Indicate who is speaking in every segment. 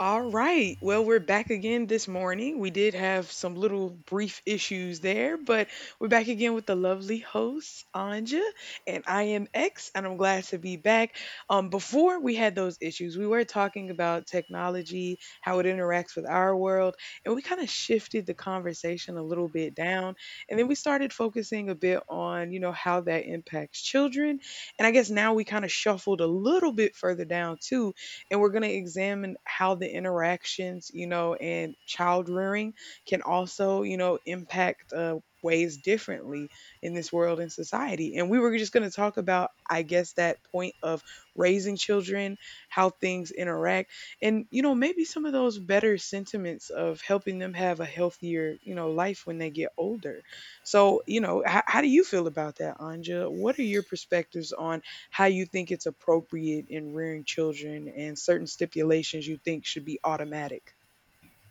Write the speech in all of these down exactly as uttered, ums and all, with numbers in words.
Speaker 1: All right. Well, we're back again this morning. We did have some little brief issues there, but we're back again with the lovely host, Anja, and I am X, and I'm glad to be back. Um, before we had those issues, we were talking about technology, how it interacts with our world, and we kind of shifted the conversation a little bit down. And then we started focusing a bit on, you know, how that impacts children. And I guess now we kind of shuffled a little bit further down too, and we're going to examine how the interactions, you know, and child rearing can also, you know, impact uh, ways differently in this world and society. And we were just going to talk about, I guess, that point of raising children, how things interact, and, you know, maybe some of those better sentiments of helping them have a healthier, you know, life when they get older. So, you know, h- how do you feel about that, Anja? What are your perspectives on how you think it's appropriate in rearing children and certain stipulations you think should be automatic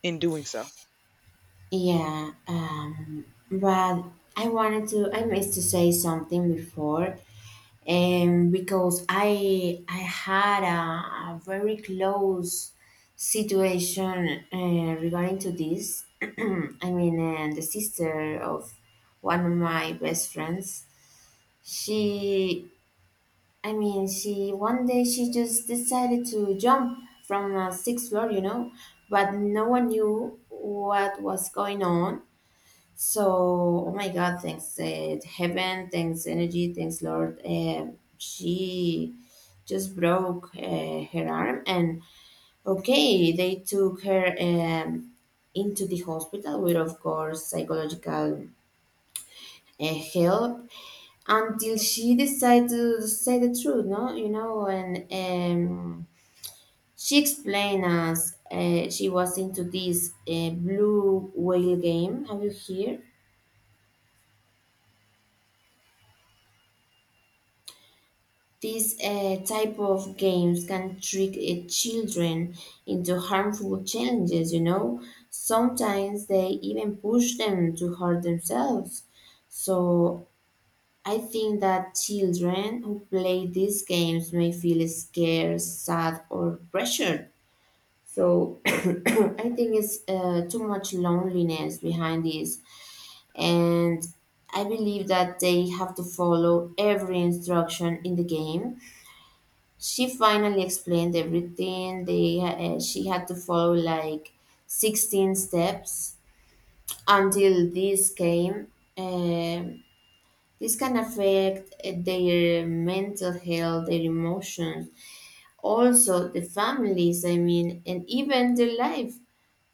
Speaker 1: in doing so?
Speaker 2: Yeah, um, but I wanted to, I missed to say something before, um, because I I had a, a very close situation uh, regarding to this. I mean, uh, the sister of one of my best friends, she, I mean, she one day she just decided to jump from a sixth floor, you know, but no one knew what was going on. So, oh my God, thanks uh, heaven, thanks energy, thanks Lord. Um she just broke uh, her arm, and okay, they took her um, into the hospital with, of course, psychological uh, help until she decided to say the truth. No, you know, and um, she explained us uh, she was into this uh, blue whale game. Have you heard? These uh, type of games can trick uh, children into harmful challenges, you know. Sometimes they even push them to hurt themselves. So I think that children who play these games may feel scared, sad, or pressured. So I think it's uh, too much loneliness behind this, and I believe that they have to follow every instruction in the game. She finally explained everything. They uh, She had to follow like sixteen steps until this came. Um, this can affect uh, their mental health, their emotions, also the families, I mean, and even their life.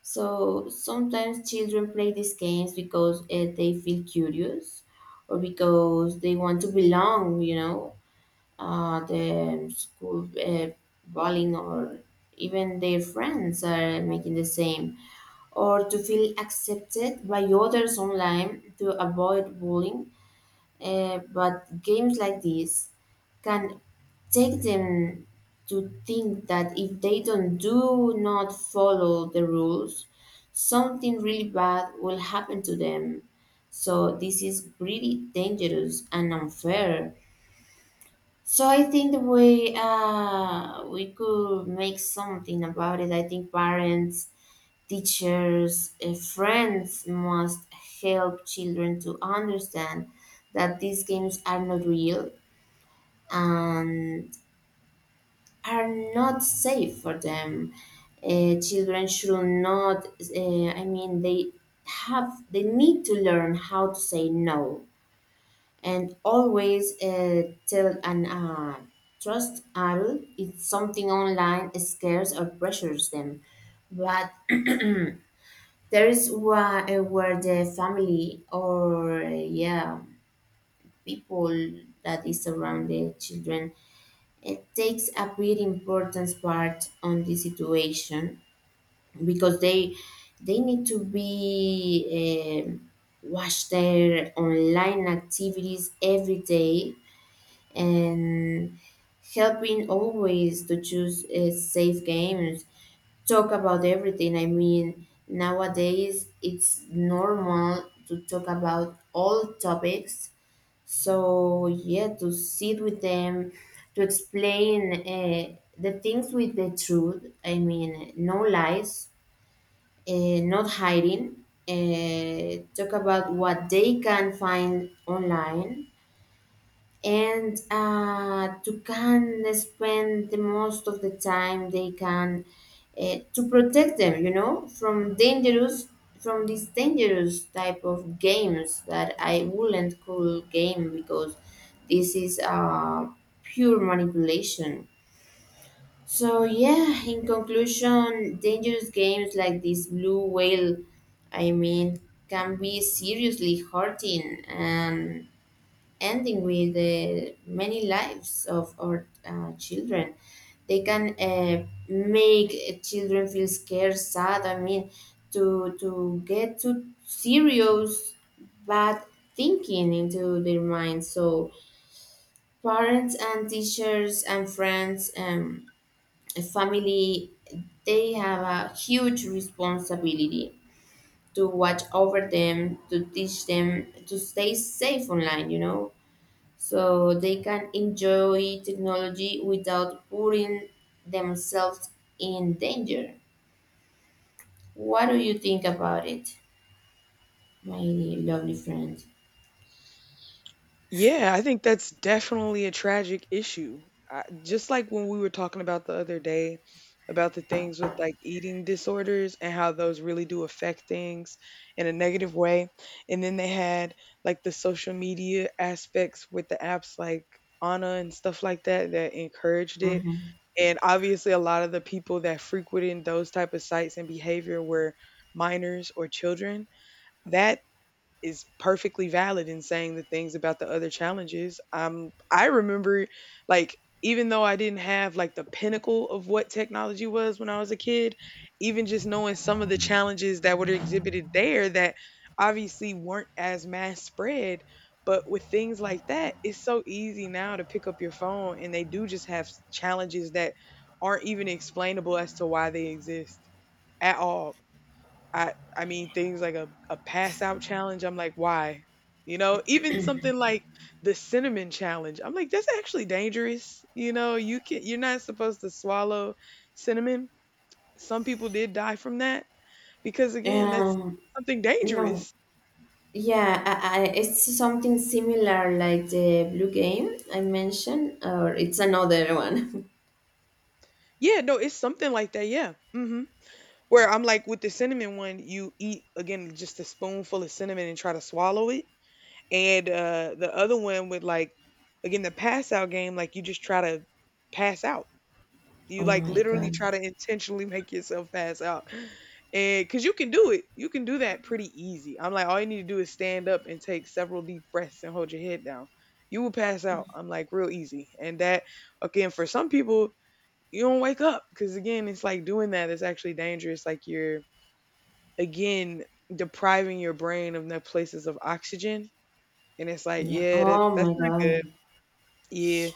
Speaker 2: So sometimes children play these games because uh, they feel curious, or because they want to belong, you know, uh, the school uh, bowling, or even their friends are making the same, or to feel accepted by others online to avoid bullying. Uh, but games like this can take them to think that if they don't do not follow the rules, something really bad will happen to them. So this is really dangerous and unfair. So I think that we uh, we could make something about it. I think parents, teachers, uh, friends must help children to understand that these games are not real and are not safe for them. Uh, children should not. Uh, I mean, they have they need to learn how to say no, and always uh, tell an uh, trust adult if something online scares or pressures them. But there is where, uh, where the family or uh, yeah, people that is around the children, it takes a very important part on the situation because they they need to be um watch their online activities every day, and helping always to choose uh, safe games, talk about everything. I mean, nowadays it's normal to talk about all topics. So yeah, to sit with them, to explain uh, the things with the truth. I mean, no lies, uh, not hiding, uh, talk about what they can find online, and uh, to can spend the most of the time they can uh, to protect them, you know, from dangerous, from these dangerous type of games, that I wouldn't call game because this is uh, pure manipulation. So yeah, in conclusion, dangerous games like this blue whale, I mean, can be seriously hurting and ending with the many lives of our uh, children. They can uh, make uh, children feel scared, sad. I mean, to to get to serious bad thinking into their minds. So parents and teachers and friends, um, and family, they have a huge responsibility to watch over them, to teach them to stay safe online. You know, so they can enjoy technology without putting themselves in danger. What do you think about it, my lovely friend?
Speaker 1: Yeah, I think that's definitely a tragic issue. I, just like when we were talking about the other day about the things with like eating disorders and how those really do affect things in a negative way. And then they had like the social media aspects with the apps like Anna and stuff like that that encouraged it,
Speaker 2: Mhm.
Speaker 1: and obviously a lot of the people that frequenting those type of sites and behavior were minors or children, that is perfectly valid in saying the things about the other challenges. Um, I remember, like, even though I didn't have like the pinnacle of what technology was when I was a kid, even just knowing some of the challenges that were exhibited there that obviously weren't as mass spread. But with things like that, it's so easy now to pick up your phone and they do just have s- challenges that aren't even explainable as to why they exist at all. I I mean things like a, a pass out challenge. I'm like, why? You know, even something like the cinnamon challenge. I'm like, that's actually dangerous. You know, you can you're not supposed to swallow cinnamon. Some people did die from that because again, that's
Speaker 2: Um,
Speaker 1: something
Speaker 2: no,
Speaker 1: dangerous.
Speaker 2: yeah, I, I, it's something similar like the blue game I mentioned, or it's another one.
Speaker 1: Yeah, no, it's something like that. Yeah. hmm Where I'm like with the cinnamon one, you eat again just a spoonful of cinnamon and try to swallow it. And uh the other one with like again the pass out game, like you just try to pass out. You
Speaker 2: Oh
Speaker 1: like
Speaker 2: my
Speaker 1: literally
Speaker 2: God.
Speaker 1: try to intentionally make yourself pass out. And because you can do it, you can do that pretty easy. I'm like, all you need to do is stand up and take several deep breaths and hold your head down. You will pass out. I'm like, real easy. And that, again, for some people, you don't wake up because, again, it's like doing that is actually dangerous. Like you're, again, depriving your brain of the places of oxygen. And it's like,
Speaker 2: Yeah,
Speaker 1: yeah, that,
Speaker 2: oh
Speaker 1: that's
Speaker 2: my
Speaker 1: not good.
Speaker 2: God.
Speaker 1: Yeah.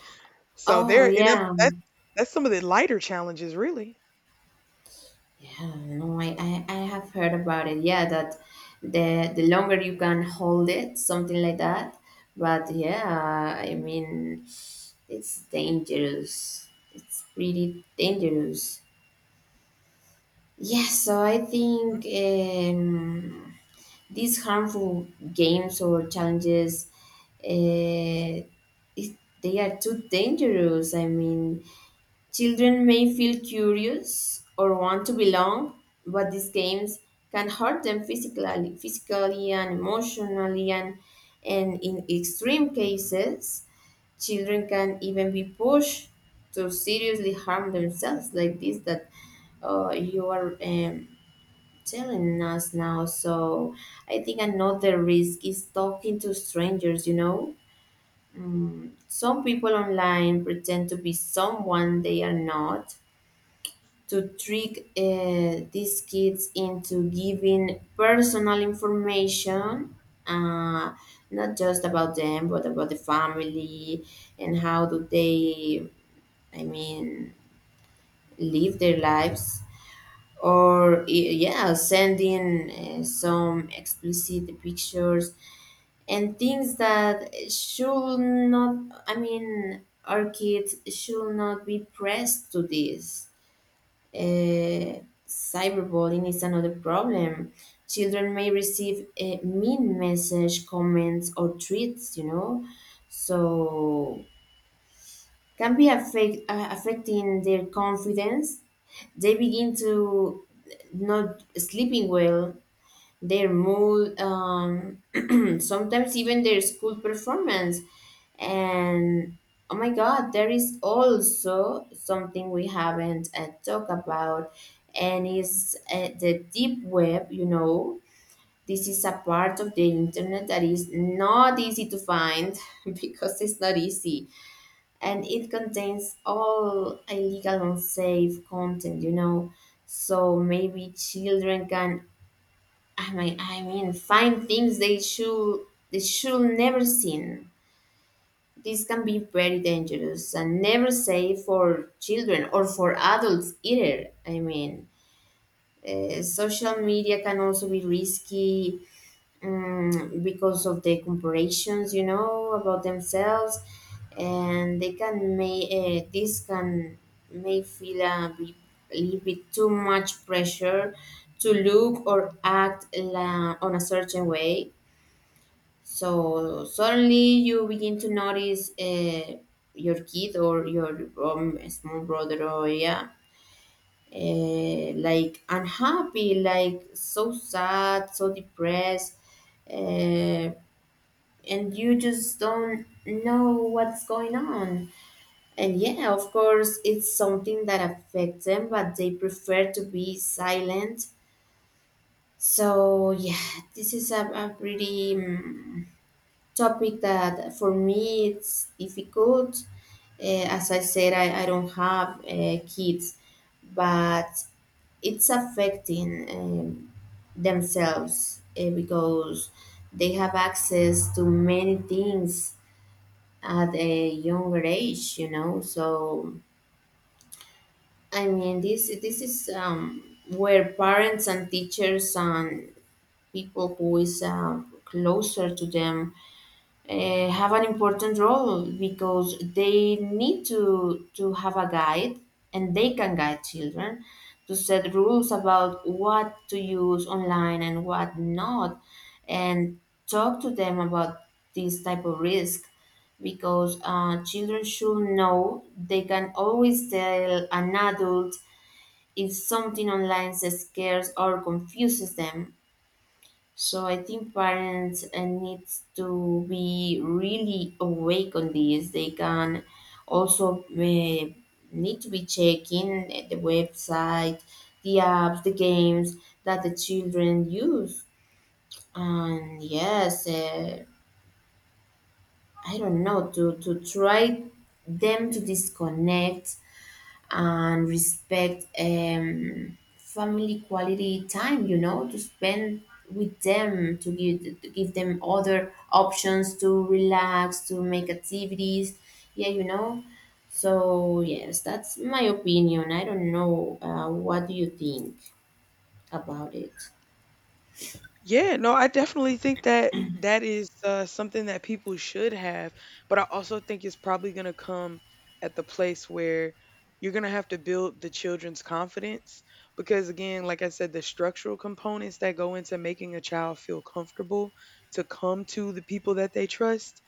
Speaker 1: So
Speaker 2: Oh
Speaker 1: there, and that,
Speaker 2: yeah.
Speaker 1: that's that's some of the lighter challenges, really.
Speaker 2: Yeah, no, I, I, I have heard about it. Yeah, that the the longer you can hold it, something like that. But yeah, I mean, it's dangerous. It's pretty dangerous. Yeah, so I think um, these harmful games or challenges, uh, it, they are too dangerous. I mean, children may feel curious or want to belong, but these games can hurt them physically, physically and emotionally, and and in extreme cases, children can even be pushed to seriously harm themselves, like this that uh, you are um, telling us now. So I think another risk is talking to strangers, you know. Mm, some people online pretend to be someone they are not, to trick uh, these kids into giving personal information, uh, not just about them, but about the family and how do they, I mean, live their lives. Or, y- yeah, sending uh, some explicit pictures and things that should not, I mean, our kids should not be pressed to this. uh, Cyberbullying is another problem. Children may receive uh, mean message, comments, or tweets, you know, so can be affect, uh, affecting their confidence. They begin to not sleeping well, their mood. Um, sometimes even their school performance. And oh my God, there is also something we haven't uh, talked about, and is uh, the deep web. You know, this is a part of the internet that is not easy to find because it's not easy, and it contains all illegal, unsafe content. You know. So maybe children can, I mean, I mean, find things they should they should never seen. This can be very dangerous and never safe for children or for adults either. I mean, uh, social media can also be risky, um, because of the comparisons, you know about themselves, and they can make, uh, this can may feel a bit- a little bit too much pressure to look or act la- on a certain way. So suddenly you begin to notice uh, your kid or your um, small brother, or yeah, uh, like unhappy, like so sad, so depressed, uh, and you just don't know what's going on. And yeah, of course, it's something that affects them, but they prefer to be silent. So yeah, this is a, a pretty, mm, topic that for me it's difficult. Eh, as I said, I, I don't have uh, kids, but it's affecting, um, themselves, uh, because they have access to many things at a younger age, you know. So I mean, this this is, um, where parents and teachers and people who is, um, closer to them, uh, have an important role because they need to to have a guide, and they can guide children to set rules about what to use online and what not, and talk to them about this type of risk, because uh, children should know they can always tell an adult if something online scares or confuses them. So I think parents uh, needs to be really awake on this. They can also uh, need to be checking the website, the apps, the games that the children use. And yes, uh, I don't know, to, to try them to disconnect and respect, um, family quality time, you know, to spend with them, to give, to give them other options to relax, to make activities. Yeah, you know. So, yes, that's my opinion. I don't know. Uh, what do you think about it?
Speaker 1: Yeah, no, I definitely think that that is uh, something that people should have, but I also think it's probably going to come at the place where you're going to have to build the children's confidence because again, like I said, the structural components that go into making a child feel comfortable to come to the people that they trust,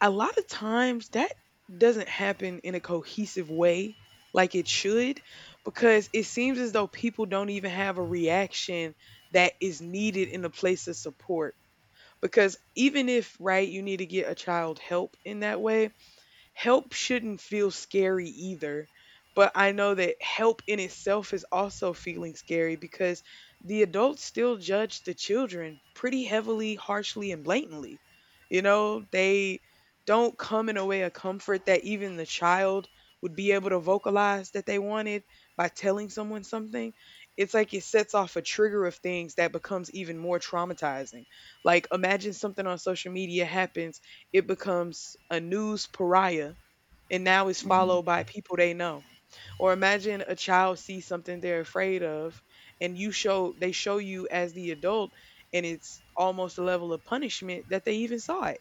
Speaker 1: a lot of times that doesn't happen in a cohesive way like it should, because it seems as though people don't even have a reaction that is needed in a place of support. Because even if right you need to get a child help in that way, help shouldn't feel scary either, but I know that help in itself is also feeling scary because the adults still judge the children pretty heavily, harshly, and blatantly. You know, they don't come in a way of comfort that even the child would be able to vocalize that they wanted by telling someone something. It's like it sets off a trigger of things that becomes even more traumatizing. Like imagine something on social media happens, it becomes a news pariah, and now it's followed
Speaker 2: Mm-hmm.
Speaker 1: by people they know. Or imagine a child sees something they're afraid of and you show they show you as the adult, and it's almost a level of punishment that they even saw it.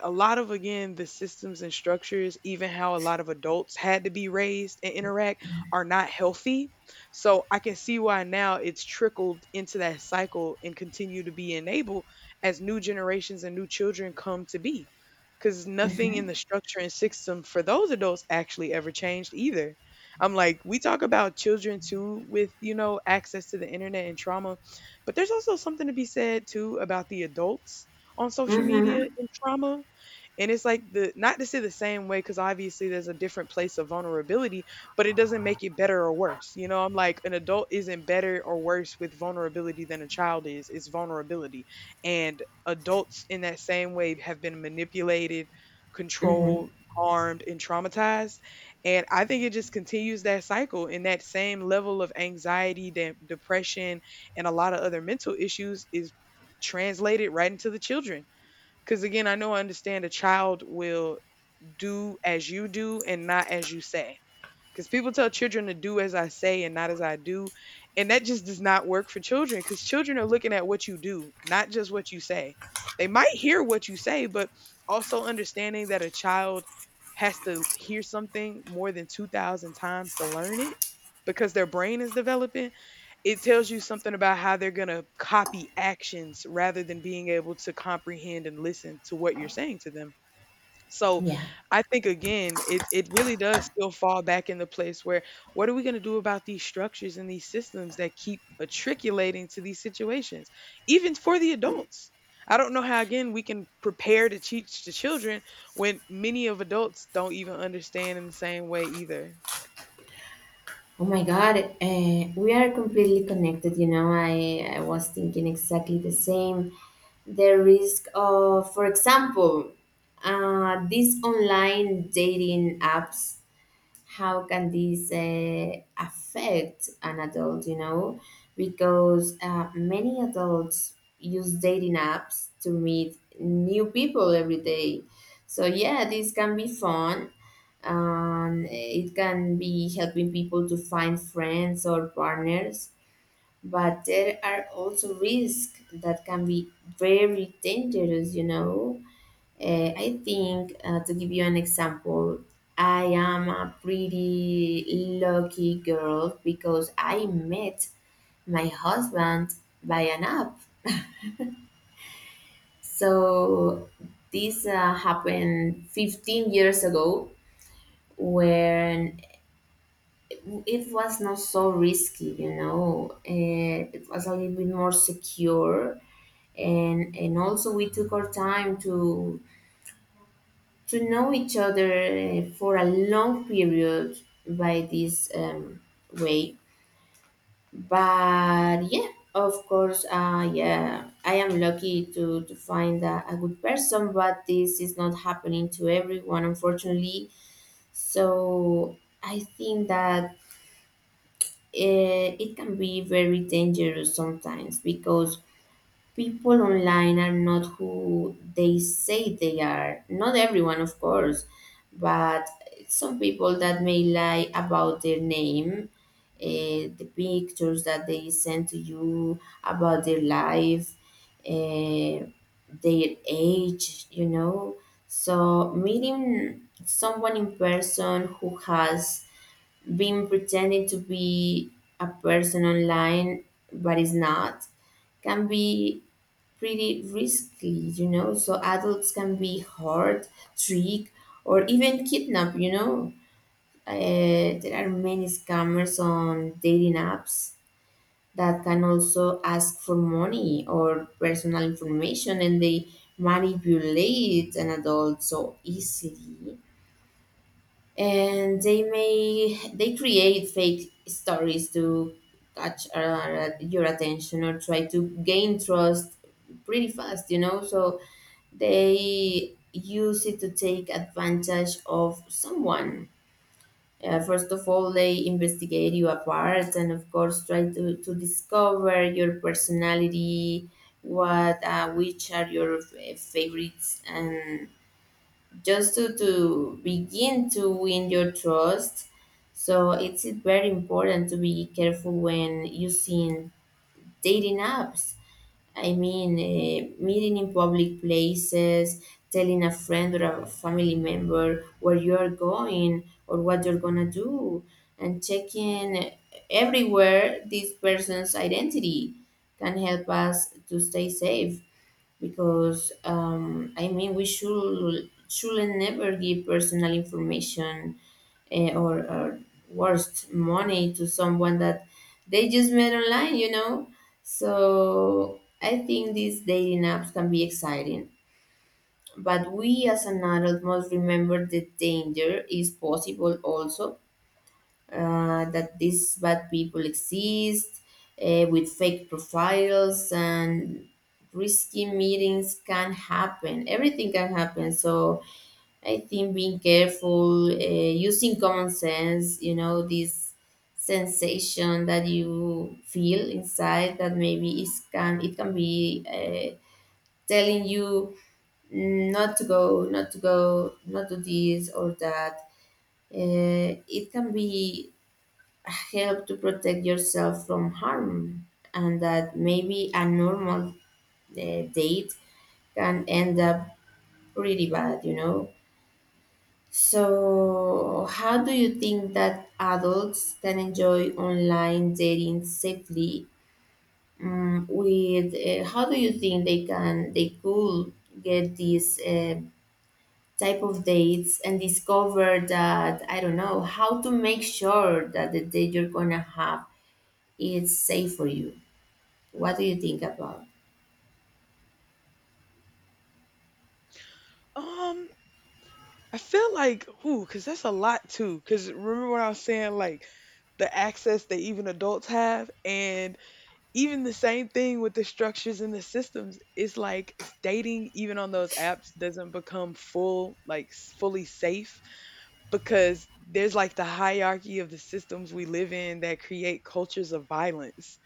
Speaker 1: A lot of, again, the systems and structures, even how a lot of adults had to be raised and interact, are not healthy. So I can see why now it's trickled into that cycle and continue to be enabled as new generations and new children come to be, because nothing
Speaker 2: Mm-hmm.
Speaker 1: in the structure and system for those adults actually ever changed either. I'm like, we talk about children too with, you know, access to the internet and trauma, but there's also something to be said too about the adults on social media and trauma. And it's like, the not to say the same way because obviously there's a different place of vulnerability, but it doesn't make it better or worse. You know, I'm like an adult isn't better or worse with vulnerability than a child is. It's vulnerability, and adults in that same way have been manipulated,
Speaker 2: Mm-hmm.
Speaker 1: controlled, harmed, and traumatized. And I think it just continues that cycle and that same level of anxiety, de- depression, and a lot of other mental issues is translated right into the children. Because again, I know, I understand a child will do as you do and not as you say. Because people tell children to do as I say and not as I do. And that just does not work for children because children are looking at what you do, not just what you say. They might hear what you say, but also understanding that a child has to hear something more than two thousand times to learn it because their brain is developing, it tells you something about how they're going to copy actions rather than being able to comprehend and listen to what you're saying to them. So
Speaker 2: Yeah.
Speaker 1: I think again, it it really does still fall back in the place where what are we going to do about these structures and these systems that keep matriculating to these situations, even for the adults. I don't know how again we can prepare to teach the children when many of adults don't even understand in the same way either.
Speaker 2: Oh my God, uh, we are completely connected. You know, I, I was thinking exactly the same. The risk of, for example, uh, these online dating apps, how can these uh, affect an adult, you know because uh, many adults use dating apps to meet new people every day. So yeah, this can be fun. Um, it can be helping people to find friends or partners, but there are also risks that can be very dangerous you know uh, I think, uh, to give you an example, I am a pretty lucky girl because I met my husband by an app. So this uh, happened fifteen years ago, when it was not so risky, you know, uh, it was a little bit more secure. And, and also we took our time to to know each other uh, for a long period by this, um, way. But yeah, of course, uh, yeah, I am lucky to, to find a, a good person, but this is not happening to everyone, unfortunately. So I think that uh, it can be very dangerous sometimes because people online are not who they say they are. Not everyone, of course, but some people that may lie about their name, eh, the pictures that they send to you about their life, eh, their age, you know. So, meeting someone in person who has been pretending to be a person online but is not, can be pretty risky, you know. So adults can be hurt, tricked, or even kidnapped, you know. Uh, there are many scammers on dating apps that can also ask for money or personal information, and they manipulate an adult so easily and they may they create fake stories to catch uh, your attention or try to gain trust pretty fast you know so they use it to take advantage of someone. Uh, first of all, they investigate you apart and of course try to, to discover your personality, what uh, which are your f- favorites, and just to, to begin to win your trust. So it's very important to be careful when using dating apps. I mean, uh, meeting in public places, telling a friend or a family member where you're going or what you're gonna do, and checking everywhere this person's identity can help us to stay safe, because um, I mean we should should never give personal information, eh, or, or worst, money to someone that they just met online, you know. So I think these dating apps can be exciting, but we as an adult must remember the danger is possible also, uh, that these bad people exist, uh, with fake profiles, and risky meetings can happen. Everything can happen. So I think being careful, uh, using common sense, you know, this sensation that you feel inside that maybe it can it can be, uh, telling you, "Mm, not to go, not to go, not do this or that." Uh, it can be help to protect yourself from harm, and that maybe a normal uh, date can end up pretty bad you know so how do you think that adults can enjoy online dating safely? Um, with uh, How do you think they can they could get these uh, type of dates and discover that, I don't know, how to make sure that the date you're gonna have is safe for you? What do you think about?
Speaker 1: Um I feel like, ooh, because that's a lot too. Because remember what I was saying, like the access that even adults have, and even the same thing with the structures and the systems. It's like dating, even on those apps, doesn't become full, like s- fully safe, because there's like the hierarchy of the systems we live in that create cultures of violence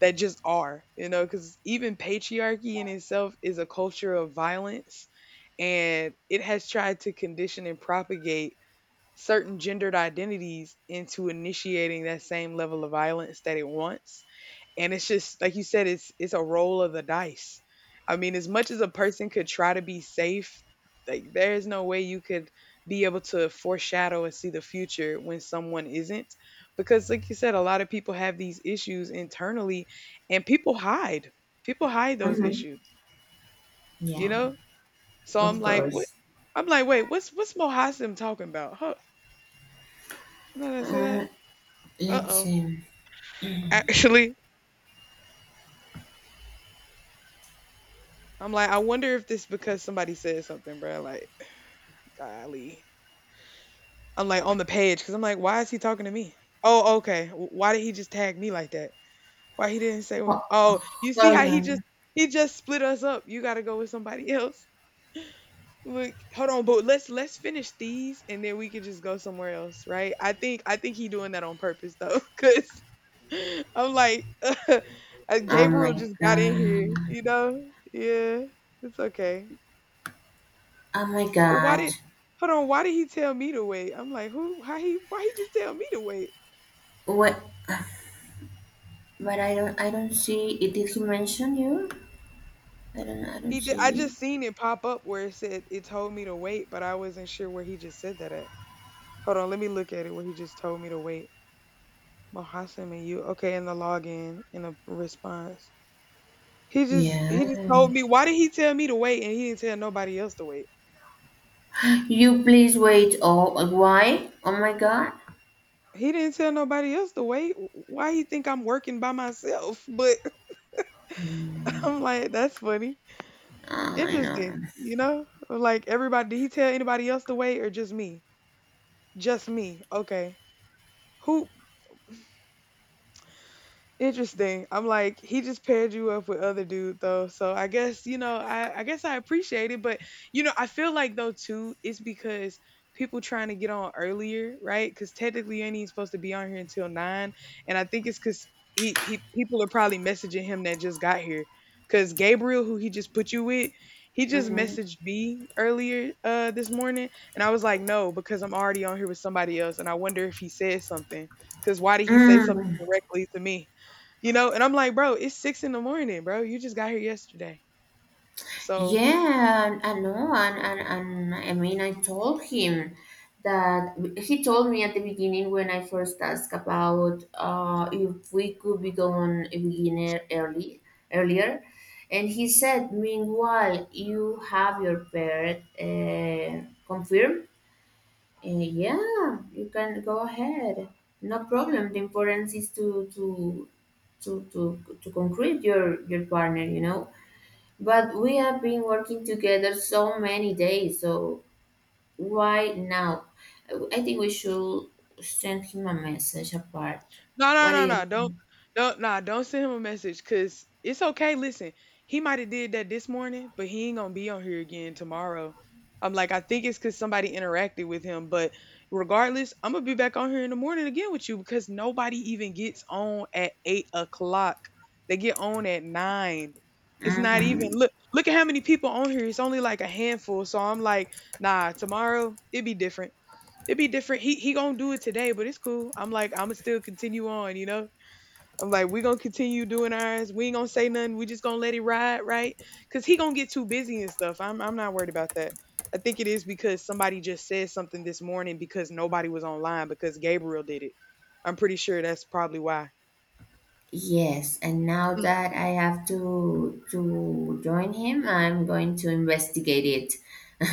Speaker 1: that just are, you know, because even patriarchy in itself is a culture of violence, and it has tried to condition and propagate certain gendered identities into initiating that same level of violence that it wants. And it's just like you said, it's it's a roll of the dice. I mean, as much as a person could try to be safe, like there is no way you could be able to foreshadow and see the future when someone isn't, because like you said, a lot of people have these issues internally, and people hide, people hide those
Speaker 2: Mm-hmm.
Speaker 1: issues, you
Speaker 2: Yeah,
Speaker 1: know. So I'm
Speaker 2: of
Speaker 1: like, what,
Speaker 2: course.
Speaker 1: I'm like, wait, what's what's Mohasim talking about, huh? Did I say
Speaker 2: Uh,
Speaker 1: that?
Speaker 2: let's
Speaker 1: Uh-oh.
Speaker 2: see.
Speaker 1: Actually, I'm like, I wonder if this because somebody said something, bro, like, golly, I'm like on the page because I'm like, why is he talking to me? Oh, okay. W- Why did he just tag me like that? Why he didn't say? what-
Speaker 2: Ho-
Speaker 1: Oh, you see
Speaker 2: Hold
Speaker 1: how he just
Speaker 2: on.
Speaker 1: he just split us up. You got to go with somebody else. Like, hold on, but let's let's finish these and then we could just go somewhere else, right? I think I think he doing that on purpose though, because I'm like, uh,
Speaker 2: Oh my
Speaker 1: Gabriel just got in here,
Speaker 2: god.
Speaker 1: you know? Yeah, it's okay.
Speaker 2: Oh my
Speaker 1: But why
Speaker 2: god.
Speaker 1: did? Hold on, why did he tell me to wait? I'm like, who? How he? Why he just tell me to wait?
Speaker 2: What? But I don't. I don't see. It did, he mention you? I don't. I don't
Speaker 1: He did. I
Speaker 2: see.
Speaker 1: just seen it pop up where it said it told me to wait, but I wasn't sure where he just said that at. Hold on, let me look at it where he just told me to wait. Mohassim and you. Okay, in the login, in the response. He just
Speaker 2: Yeah.
Speaker 1: he just told me, why did he tell me to wait and he didn't tell nobody else to wait?
Speaker 2: You please wait. Oh, why? Oh my god.
Speaker 1: He didn't tell nobody else to wait. Why he think I'm working by myself? But
Speaker 2: Mm,
Speaker 1: I'm like, that's funny.
Speaker 2: I
Speaker 1: Interesting,
Speaker 2: know.
Speaker 1: you know? Like everybody, did he tell anybody else to wait or just me? Just me. Okay. Who? Interesting. I'm like, he just paired you up with other dude though. So I guess, you know, I, I guess I appreciate it. But you know, I feel like though too, it's because people trying to get on earlier, right? Because technically you ain't even supposed to be on here until nine. And I think it's cause he, he people are probably messaging him that just got here. Cause Gabriel, who he just put you with, he just
Speaker 2: Mm-hmm.
Speaker 1: messaged me earlier uh this morning. And I was like, no, because I'm already on here with somebody else. And I wonder if he said something. Cause why did he say something
Speaker 2: Mm.
Speaker 1: directly to me? You know, and I'm like, "Bro, it's six in the morning, bro. You just got here yesterday." So
Speaker 2: Yeah, and I know, and, and and I mean, I told him that he told me at the beginning when I first asked about, uh, if we could become a beginner early earlier, and he said, meanwhile, you have your parent uh, confirmed. Uh, yeah, you can go ahead. No problem. The importance is to to to to to concrete your your partner. You know. But we have been working together so many days, so why now? I think we should send him a message apart.
Speaker 1: no, no,
Speaker 2: What do
Speaker 1: no,
Speaker 2: you
Speaker 1: no.
Speaker 2: think?
Speaker 1: Don't, don't, nah. Don't send him a message, cause it's okay. Listen, he might have did that this morning, but he ain't gonna be on here again tomorrow. I'm like, I think it's cause somebody interacted with him. But regardless, I'm gonna be back on here in the morning again with you because nobody even gets on at eight o'clock. They get on at nine. It's not even
Speaker 2: Mm-hmm.
Speaker 1: look. Look at how many people on here. It's only like a handful. So I'm like, nah. Tomorrow it'd be different, it be different. He he gonna do it today, but it's cool. I'm like, I'ma still continue on, you know? I'm like, we gonna continue doing ours. We ain't gonna say nothing. We just gonna let it ride, right? Cause he gonna get too busy and stuff. I'm I'm not worried about that. I think it is because somebody just said something this morning because nobody was online because Gabriel did it. I'm pretty sure that's probably why.
Speaker 2: Yes, and now that I have to to join him, I'm going to investigate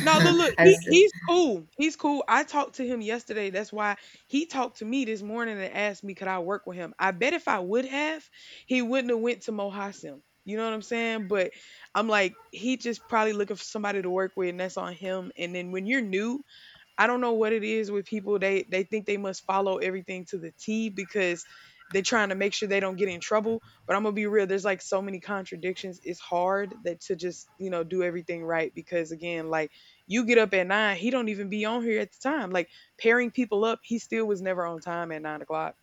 Speaker 1: No, look, look, he
Speaker 2: As
Speaker 1: he's cool. He's cool. I talked to him yesterday. That's why he talked to me this morning and asked me could I work with him. I bet if I would have, he wouldn't have went to Mohassim. You know what I'm saying? But I'm like, he just probably looking for somebody to work with, and that's on him. And then when you're new, I don't know what it is with people. They they think they must follow everything to the T because they're trying to make sure they don't get in trouble. But I'm gonna be real. There's like so many contradictions. It's hard that to just you know do everything right because again, like you get up at nine, he don't even be on here at the time. Like pairing people up, he still was never on time at nine o'clock,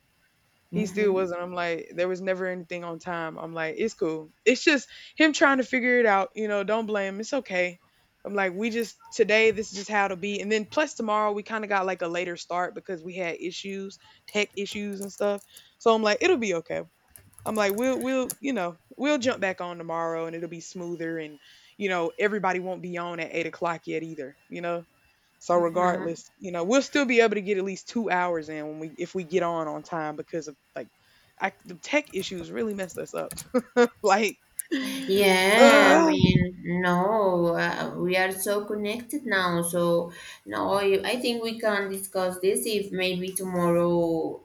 Speaker 1: he still
Speaker 2: Mhm,
Speaker 1: wasn't. I'm like, there was never anything on time. I'm like, it's cool. It's just him trying to figure it out. You know, don't blame him. It's okay. I'm like, we just today, this is just how it'll be. And then plus tomorrow, we kind of got like a later start because we had issues, tech issues and stuff. So I'm like, it'll be okay. I'm like, we'll we'll you know we'll jump back on tomorrow and it'll be smoother, and you know everybody won't be on at eight o'clock yet either. You know. So
Speaker 2: mhm.
Speaker 1: regardless, you know, we'll still be able to get at least two hours in when we if we get on on time because of like I, the tech issues really messed us up. Like,
Speaker 2: Yeah, I
Speaker 1: ugh.
Speaker 2: mean, no, uh, we are so connected now. So, no, I I think we can discuss this if maybe tomorrow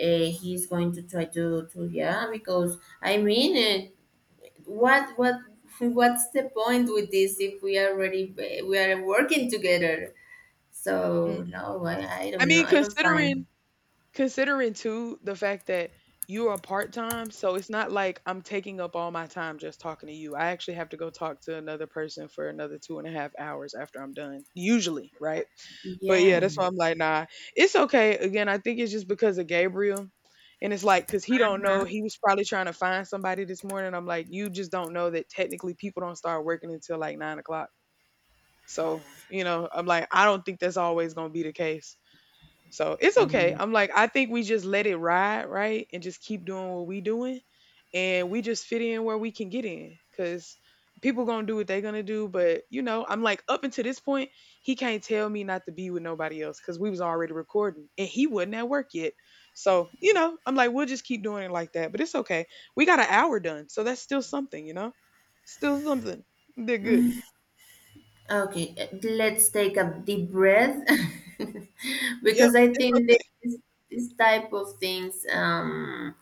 Speaker 2: uh, he's going to try to, to, yeah, because I mean, uh, what, what, what's the point with this if we are already, eh, we are working together? So,
Speaker 1: Mm.
Speaker 2: no, I, I
Speaker 1: I
Speaker 2: don't know.
Speaker 1: mean,
Speaker 2: I don't find,
Speaker 1: considering. Considering too the fact that you are part time, so it's not like I'm taking up all my time just talking to you. I actually have to go talk to another person for another two and a half hours after I'm done, usually, right? But yeah, that's
Speaker 2: yeah.
Speaker 1: why I'm like, nah, it's okay. Again, I think it's just because of Gabriel. And it's like, cause he don't know, he was probably trying to find somebody this morning. I'm like, you just don't know that technically people don't start working until like nine o'clock. So, you know, I'm like, I don't think that's always gonna be the case. So it's okay.
Speaker 2: Mhm.
Speaker 1: I'm like, I think we just let it ride, right? And just keep doing what we doing. And we just fit in where we can get in. Cause people gonna do what they gonna do. But you know, I'm like, up until this point, he can't tell me not to be with nobody else because we was already recording and he wasn't at work yet. So, you know, I'm like, we'll just keep doing it like that. But it's okay. We got an hour done. So that's still something, you know? Still something. They're good.
Speaker 2: Okay, uh, let's take a deep breath
Speaker 1: Yep,
Speaker 2: because I
Speaker 1: it's
Speaker 2: think
Speaker 1: okay.
Speaker 2: this, this type of things, um,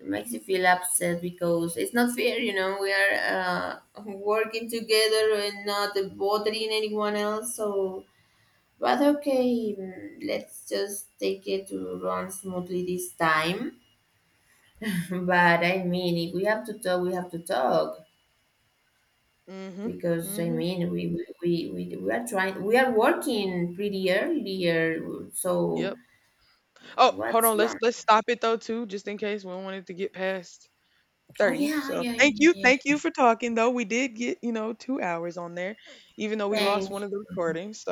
Speaker 2: makes you feel upset because it's not fair, you know. We are uh, working together and not bothering anyone else, so but okay, mm, let's just take it to run smoothly this time. But I mean, if we have to talk, we have to talk.
Speaker 1: Mm-hmm.
Speaker 2: Because I
Speaker 1: Mm-hmm.
Speaker 2: mean we we, we, we are trying we are working pretty earlier, so
Speaker 1: Yep. Oh, hold
Speaker 2: what's
Speaker 1: on. Let's
Speaker 2: wrong?
Speaker 1: let's stop it though too, just in case we don't want it to get past
Speaker 2: Oh
Speaker 1: thirty.
Speaker 2: yeah, oh,
Speaker 1: So
Speaker 2: yeah,
Speaker 1: thank
Speaker 2: yeah,
Speaker 1: you,
Speaker 2: yeah.
Speaker 1: thank
Speaker 2: yeah.
Speaker 1: you for talking though. We did get you know two hours on there, even though we lost one
Speaker 2: Thank
Speaker 1: of the recordings.